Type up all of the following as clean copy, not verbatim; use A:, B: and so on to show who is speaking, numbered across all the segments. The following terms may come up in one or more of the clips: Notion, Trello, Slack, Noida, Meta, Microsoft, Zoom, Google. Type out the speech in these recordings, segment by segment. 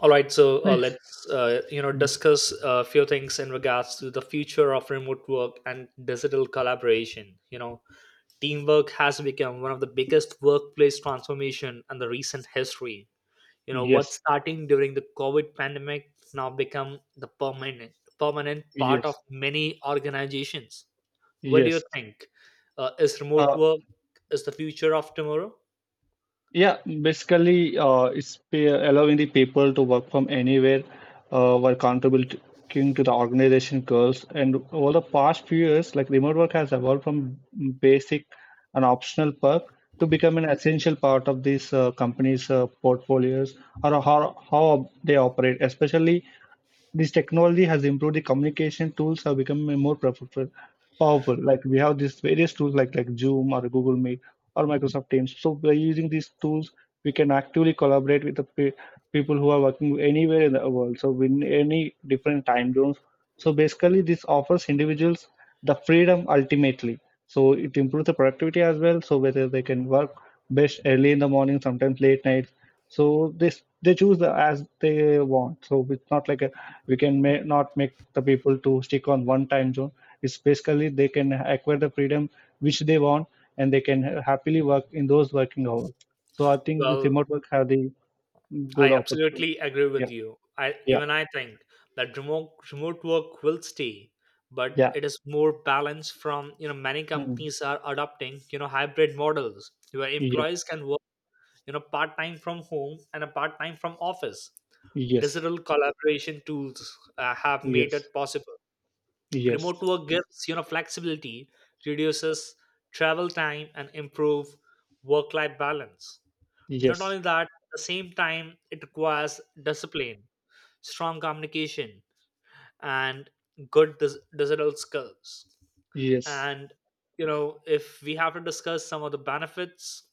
A: All right, so
B: Please.
A: let's
B: Mm.
A: discuss a few things in regards to the future of remote work and digital collaboration. Teamwork has become one of the biggest workplace transformation in the recent history. What
B: Yes,
A: starting during the COVID pandemic now become the permanent part of
B: yes,
A: many organizations. What do you
B: yes.
A: think? Is remote
B: Uh,
A: work is the future of tomorrow?
B: yeah, basically, allowing the people to work from anywhere while contributing to the organization goals. And over the past few years, like remote work has evolved from basic and optional perk to become an essential part of these companies' portfolios or how they operate, especially. This technology has improved, the communication tools have become more powerful like we have these various tools like Zoom or Google Meet or Microsoft Teams. So by using these tools we can actively collaborate with the people who are working anywhere in the world, so in any different time zones. So basically this offers individuals the freedom ultimately. So it improves the productivity as well. So whether they can work best early in the morning, sometimes late nights. So this they choose the, as they want. So it's not like a, we can may, not make the people to stick on one time zone. It's basically they can acquire the freedom which they want, and they can happily work in those working hours. So I think this
A: Well,
B: remote work have the good
A: I
B: opportunity.
A: absolutely agree
B: Yeah,
A: with you. I
B: yeah,
A: even I think that remote work will stay, but
B: yeah.
A: it is more balanced. From you know Many
B: Mm.
A: companies are adopting hybrid models where
B: Yes,
A: employees can work part time from home and a part time from office.
B: yes,
A: Digital collaboration tools have made
B: yes,
A: it possible.
B: yes,
A: Remote work gives flexibility, reduces travel time, and improve work life balance. Not
B: yes,
A: only that, at the same time, it requires discipline, strong communication, and good digital skills.
B: yes.
A: And if we have to discuss some of the benefits,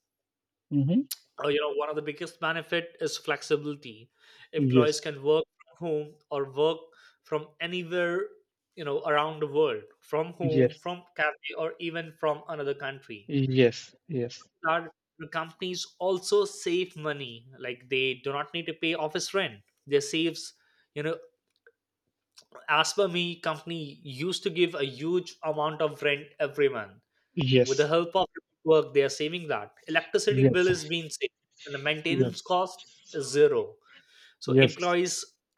B: Mm-hmm.
A: one of the biggest benefit is flexibility. Employees
B: Yes,
A: can work from home or work from anywhere, around the world, from home,
B: yes,
A: from cafe, or even from another country.
B: yes, yes,
A: Are companies also save money? Like, they do not need to pay office rent, they saves. you know as per me, company used to give a huge amount of rent every month. With the
B: yes,
A: help of work, they are saving that. Electricity bill
B: yes,
A: is being saved and the
B: yes,
A: maintenance cost is zero. So
B: yes,
A: employees,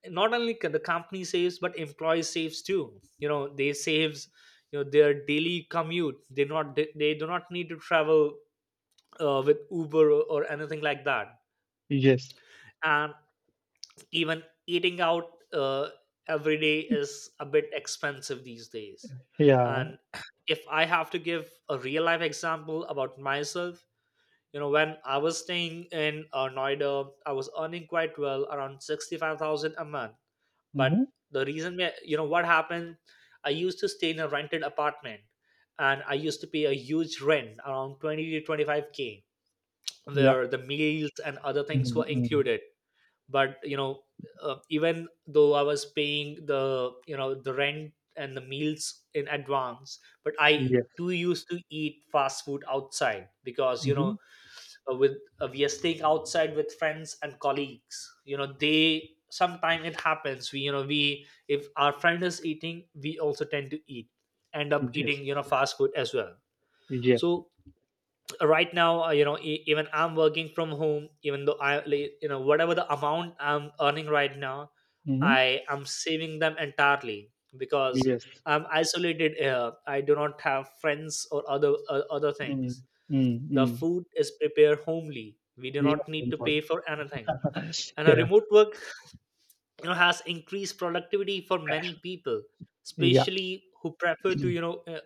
A: not only can the company saves, but employees saves too. They saves their daily commute. They not they do not need to travel with Uber or anything like that.
B: yes,
A: And even eating out every day is a bit expensive these days.
B: yeah,
A: And if I have to give a real life example about myself, when I was staying in Noida, I was earning quite well, around 65,000 a month. But
B: mm-hmm.
A: the reason, what happened, I used to stay in a rented apartment and I used to pay a huge rent around 20 to 25K
B: Yeah,
A: where the meals and other things
B: mm-hmm.
A: were
B: Mm-hmm.
A: included. But even though I was paying the you know the rent and the meals in advance, but I
B: Yes,
A: too used to eat fast food outside because you know
B: mm-hmm.
A: with we are staying outside with friends and colleagues. They, sometimes it happens, we you know we if our friend is eating, we also tend to eat end up
B: Yes,
A: eating fast food as well.
B: yes,
A: So right now, even I'm working from home. Even though I like, whatever the amount I'm earning right now,
B: mm-hmm.
A: I am saving them entirely because
B: Yes,
A: I'm isolated here. I do not have friends or other
B: mm-hmm.
A: things. The
B: Mm-hmm.
A: food is prepared homely, we do
B: Yeah,
A: not need
B: I'm
A: to
B: sorry.
A: pay for anything. And a
B: Yeah,
A: remote work has increased productivity for many people,
B: yeah,
A: especially who prefer to you know uh,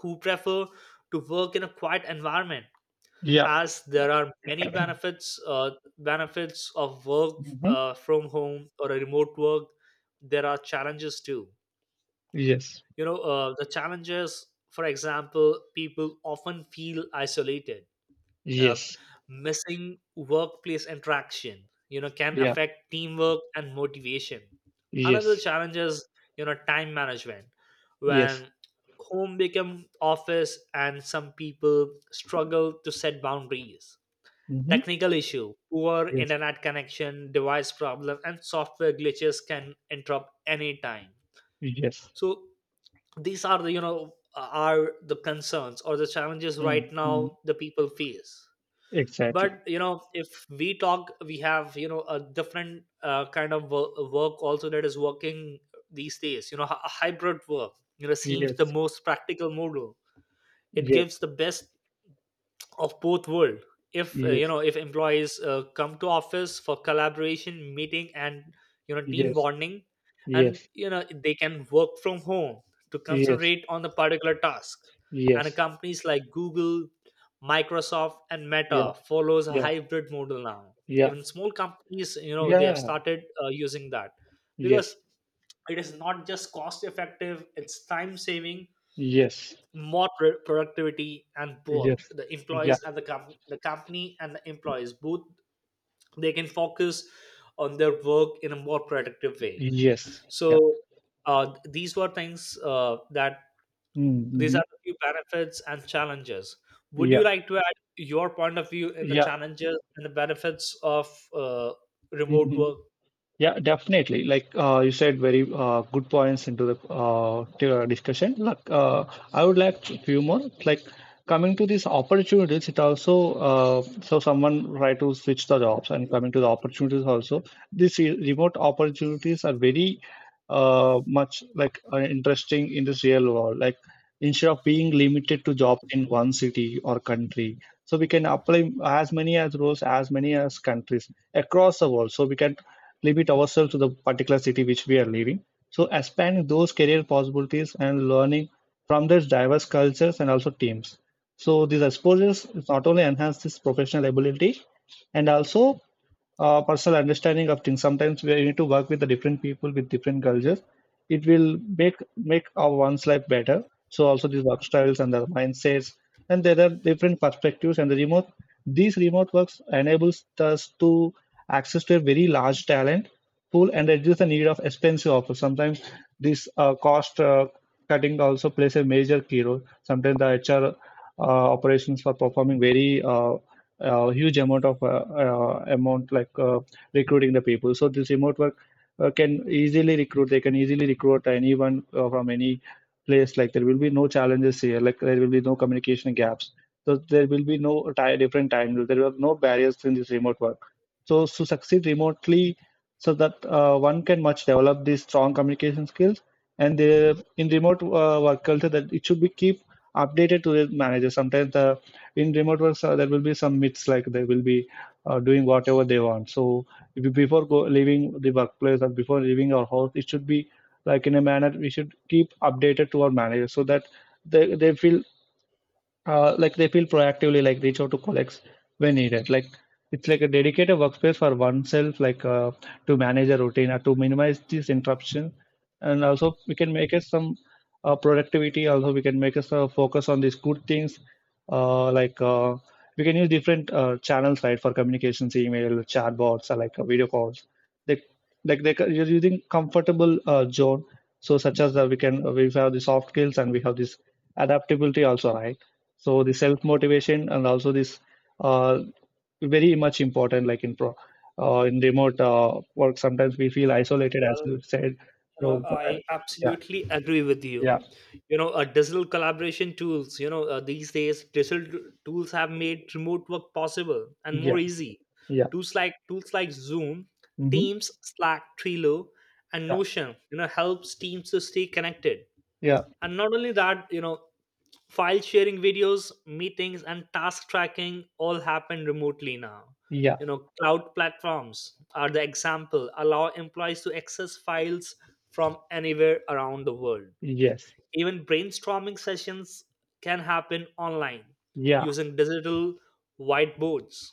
A: who prefer to work in a quiet environment.
B: yeah,
A: As there are many benefits of work
B: mm-hmm.
A: from home or a remote work, there are challenges too.
B: Yes,
A: The challenges, for example, people often feel isolated, uh,
B: yes,
A: missing workplace interaction. Can
B: yeah,
A: affect teamwork and motivation. Another
B: yes,
A: challenge is time management,
B: yes,
A: when home become office and some people struggle to set boundaries.
B: mm-hmm.
A: Technical issue, poor
B: Yes,
A: internet connection, device problem, and software glitches can interrupt any time.
B: yes,
A: So these are the concerns or the challenges right
B: mm-hmm.
A: now the people face.
B: Exactly,
A: But if we talk, we have a different kind of work also that is working these days. Hybrid work seems the
B: yes,
A: most practical model. It
B: yes,
A: gives the best of both world if
B: yes.
A: if employees come to office for collaboration meeting and team
B: Yes,
A: bonding, and
B: yes,
A: they can work from home to
B: yes,
A: concentrate on the particular task. And
B: yes,
A: companies like Google, Microsoft, and
B: yeah,
A: Meta follows a
B: yeah,
A: hybrid model now.
B: yeah,
A: Even small companies, they have
B: yeah,
A: started using that because
B: yes,
A: it is not just cost effective, it's time saving,
B: yes,
A: more productivity. And both
B: yes,
A: the
B: yeah,
A: employees and the company and the employees both, they can focus on their work in a more productive way.
B: yes, yeah,
A: So these were things that, these
B: mm-hmm.
A: are the few benefits and challenges. Would you
B: Yeah,
A: like to add your point of view in the
B: yeah,
A: challenges and the benefits of remote
B: mm-hmm.
A: work?
B: Yeah, definitely. Like you said, very good points into the to our discussion. Like I would like a few more. Like coming to these opportunities, it also so someone try to switch the jobs and coming to the opportunities also. These remote opportunities are very much like interesting in this real world. Like instead of being limited to jobs in one city or country, so we can apply as many as roles, as many as countries across the world. So we can limit ourselves to the particular city which we are living. So expand those career possibilities and learning from those diverse cultures and also teams. So these exposures not only enhance this professional ability and also personal understanding of things. Sometimes we need to work with the different people with different cultures. It will make our one's life better. So also these work styles and the mindsets and there are different perspectives and the remote. These remote works enables us to access to a very large talent pool and reduce the need of expensive offers. Sometimes this cost cutting also plays a major key role. Sometimes the HR operations are performing very huge amount of amount like recruiting the people. So this remote work can easily recruit. They can easily recruit anyone from any place. Like there will be no challenges here. Like there will be no communication gaps. So there will be no ti different time. There will be no barriers in this remote work, so to succeed remotely, so that one can much develop these strong communication skills and they, in remote work culture that it should be keep updated to the manager. Sometimes the in remote works there will be some myths like they will be doing whatever they want. So if you- before go, leaving the workplace or before leaving our house it should be like in a manner, we should keep updated to our manager so that they feel like they feel proactively, like reach out to colleagues when needed, like it's like a dedicated workspace for oneself, like to manage a routine or to minimize this interruption. And also we can make it some productivity, also we can make us focus on these good things, uh, like uh, we can use different channels right for communications, email, chat, chatbots, or like video calls, they like they you're using comfortable zone. So such as we can we have the soft skills and we have this adaptability also, right? So the self-motivation and also this uh, very much important, like in pro in remote work, sometimes we feel isolated, as
A: Well,
B: you said. So
A: I
B: yeah,
A: absolutely agree with you.
B: yeah,
A: You know Digital collaboration tools, these days, digital tools have made remote work possible and
B: yeah,
A: more easy.
B: yeah,
A: Tools like Zoom,
B: mm-hmm.
A: Teams, Slack, Trello, and
B: Yeah,
A: Notion helps teams to stay connected.
B: yeah,
A: And not only that, file sharing videos, meetings, and task tracking all happen remotely now.
B: yeah,
A: Cloud platforms are the example, allow employees to access files from anywhere around the world.
B: yes,
A: Even brainstorming sessions can happen online
B: yeah,
A: using digital whiteboards.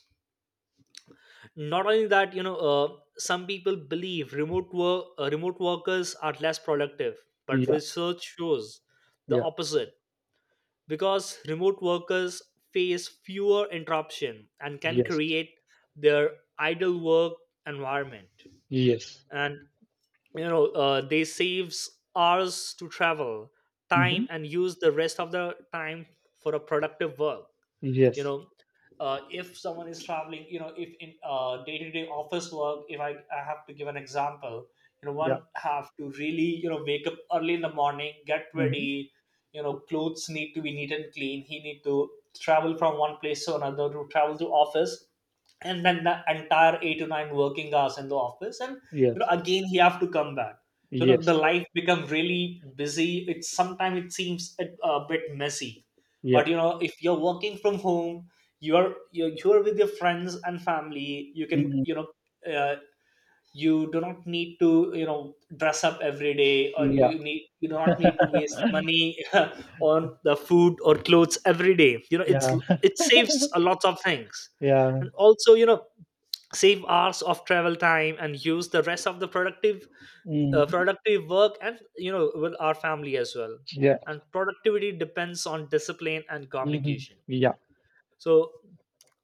A: Not only that, some people believe remote workers are less productive, but
B: yeah,
A: research shows the
B: yeah,
A: opposite, because remote workers face fewer interruption and can
B: yes,
A: create their ideal work environment.
B: yes,
A: And they saves hours to travel
B: mm-hmm.
A: time and use the rest of the time for a productive work. you
B: Yes,
A: know if someone is traveling, if in day-to-day office work, if I have to give an example.
B: yeah,
A: One have to really, wake up early in the morning, get
B: mm-hmm.
A: ready, clothes need to be neat and clean, he need to travel from one place to another, to travel to office, and then the entire 8 to 9 working hours in the office. And
B: Yes,
A: again he have to come back. So
B: yes,
A: the life become really busy. It sometimes it seems a bit messy.
B: yeah,
A: But if you're working from home, you're with your friends and family. You can,
B: mm-hmm.
A: uh, you do not need to, dress up every day. Or
B: Yeah,
A: you do not need to waste money on the food or clothes every day.
B: yeah,
A: It saves a lot of things.
B: yeah,
A: And also, save hours of travel time and use the rest of the productive
B: mm-hmm.
A: productive work, and with our family as well.
B: Yeah,
A: And productivity depends on discipline and
B: mm-hmm.
A: communication.
B: Yeah,
A: So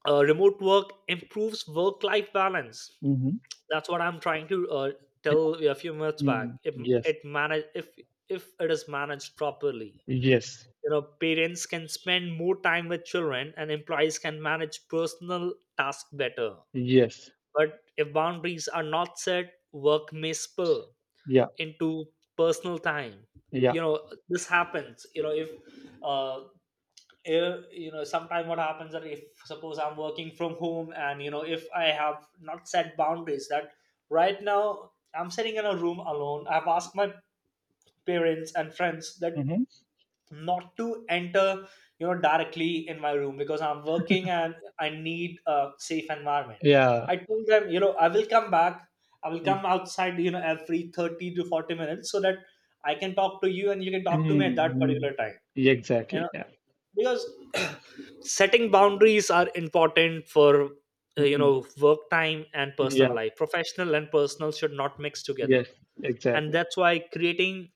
A: remote work improves work life balance.
B: mm-hmm.
A: That's what I'm trying to
B: Yeah,
A: tell you a few minutes back.
B: mm-hmm.
A: if
B: Yes,
A: it manage if if it is managed properly,
B: yes,
A: parents can spend more time with children and employees can manage personal tasks better.
B: yes,
A: But if boundaries are not set, work may spill
B: yeah,
A: into personal time.
B: yeah,
A: This happens if, uh, if sometimes what happens that, if suppose I'm working from home and if I have not set boundaries, that right now I'm sitting in a room alone. I've asked my parents and friends that
B: hmm,
A: not to enter, directly in my room, because I'm working and I need a safe environment.
B: yeah,
A: I told them, I will come back, I will come outside, every 30 to 40 minutes, so that I can talk to you and you can talk to me at that
B: mm-hmm.
A: particular time. You
B: Exactly,
A: know
B: yeah,
A: because setting boundaries are important for,
B: mm,
A: work time and personal
B: yeah,
A: life, professional and personal should not mix together.
B: yes,
A: And
B: exactly,
A: that's why creating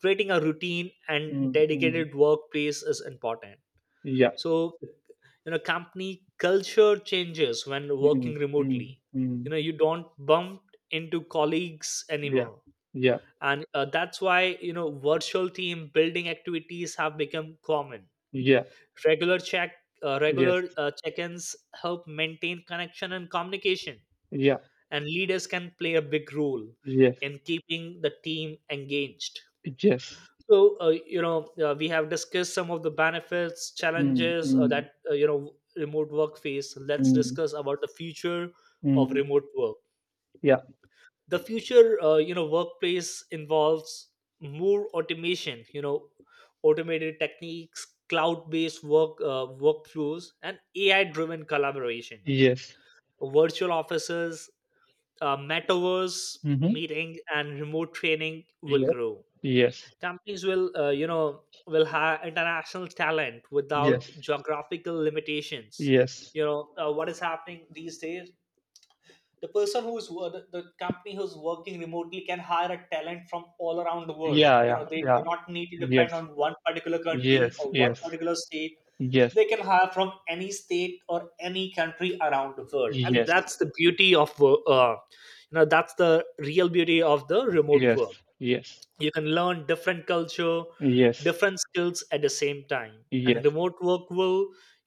A: creating a routine and
B: mm-hmm.
A: dedicated workplace is important.
B: Yeah,
A: So company culture changes when working remotely.
B: mm-hmm.
A: You don't bump into colleagues
B: Yeah,
A: anymore.
B: yeah,
A: And that's why, virtual team building activities have become common.
B: yeah,
A: Regular check, uh,
B: yes,
A: regular uh, check-ins help maintain connection and communication,
B: yeah,
A: and leaders can play a big role
B: yes,
A: in keeping the team engaged.
B: yes,
A: So, we have discussed some of the benefits, challenges
B: mm-hmm.
A: that, remote work face. Let's discuss about the future of
B: Hmm,
A: remote work.
B: yeah,
A: The future, workplace involves more automation, automated techniques, cloud based work workflows, and AI driven collaboration,
B: yes,
A: virtual offices, metaverse
B: mm-hmm.
A: meeting and remote training will
B: Yeah,
A: grow.
B: yes,
A: Companies will, will have international talent without
B: yes,
A: geographical limitations.
B: yes,
A: What is happening these days, the person who's wo- the company who's working remotely can hire a talent from all around the world.
B: yeah, yeah,
A: They do
B: yeah,
A: not need to depend
B: yes,
A: on one particular country
B: yes,
A: or one
B: yes,
A: particular state.
B: yes.
A: They can hire from any state or any country around the world. And
B: Yes.
A: that's the beauty of that's the real beauty of the remote
B: Yes,
A: work.
B: yes,
A: You can learn different culture,
B: yes,
A: different skills at the same time. And
B: yes,
A: remote work will,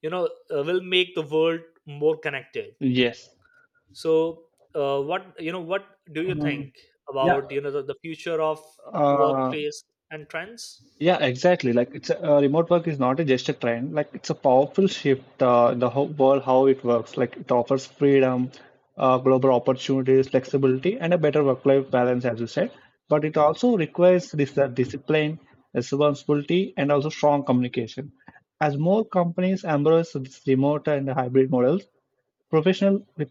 A: you know will make the world more connected.
B: yes.
A: So what, what do you think
B: Um, yeah,
A: about, the future of
B: uh,
A: workplace and trends?
B: yeah, exactly. Like it's a, remote work is not a just a trend. Like it's a powerful shift. The whole world how it works. Like it offers freedom, global opportunities, flexibility, and a better work-life balance, as you said. But it also requires this discipline, responsibility, and also strong communication. As more companies embrace this remote and hybrid models, professional uh,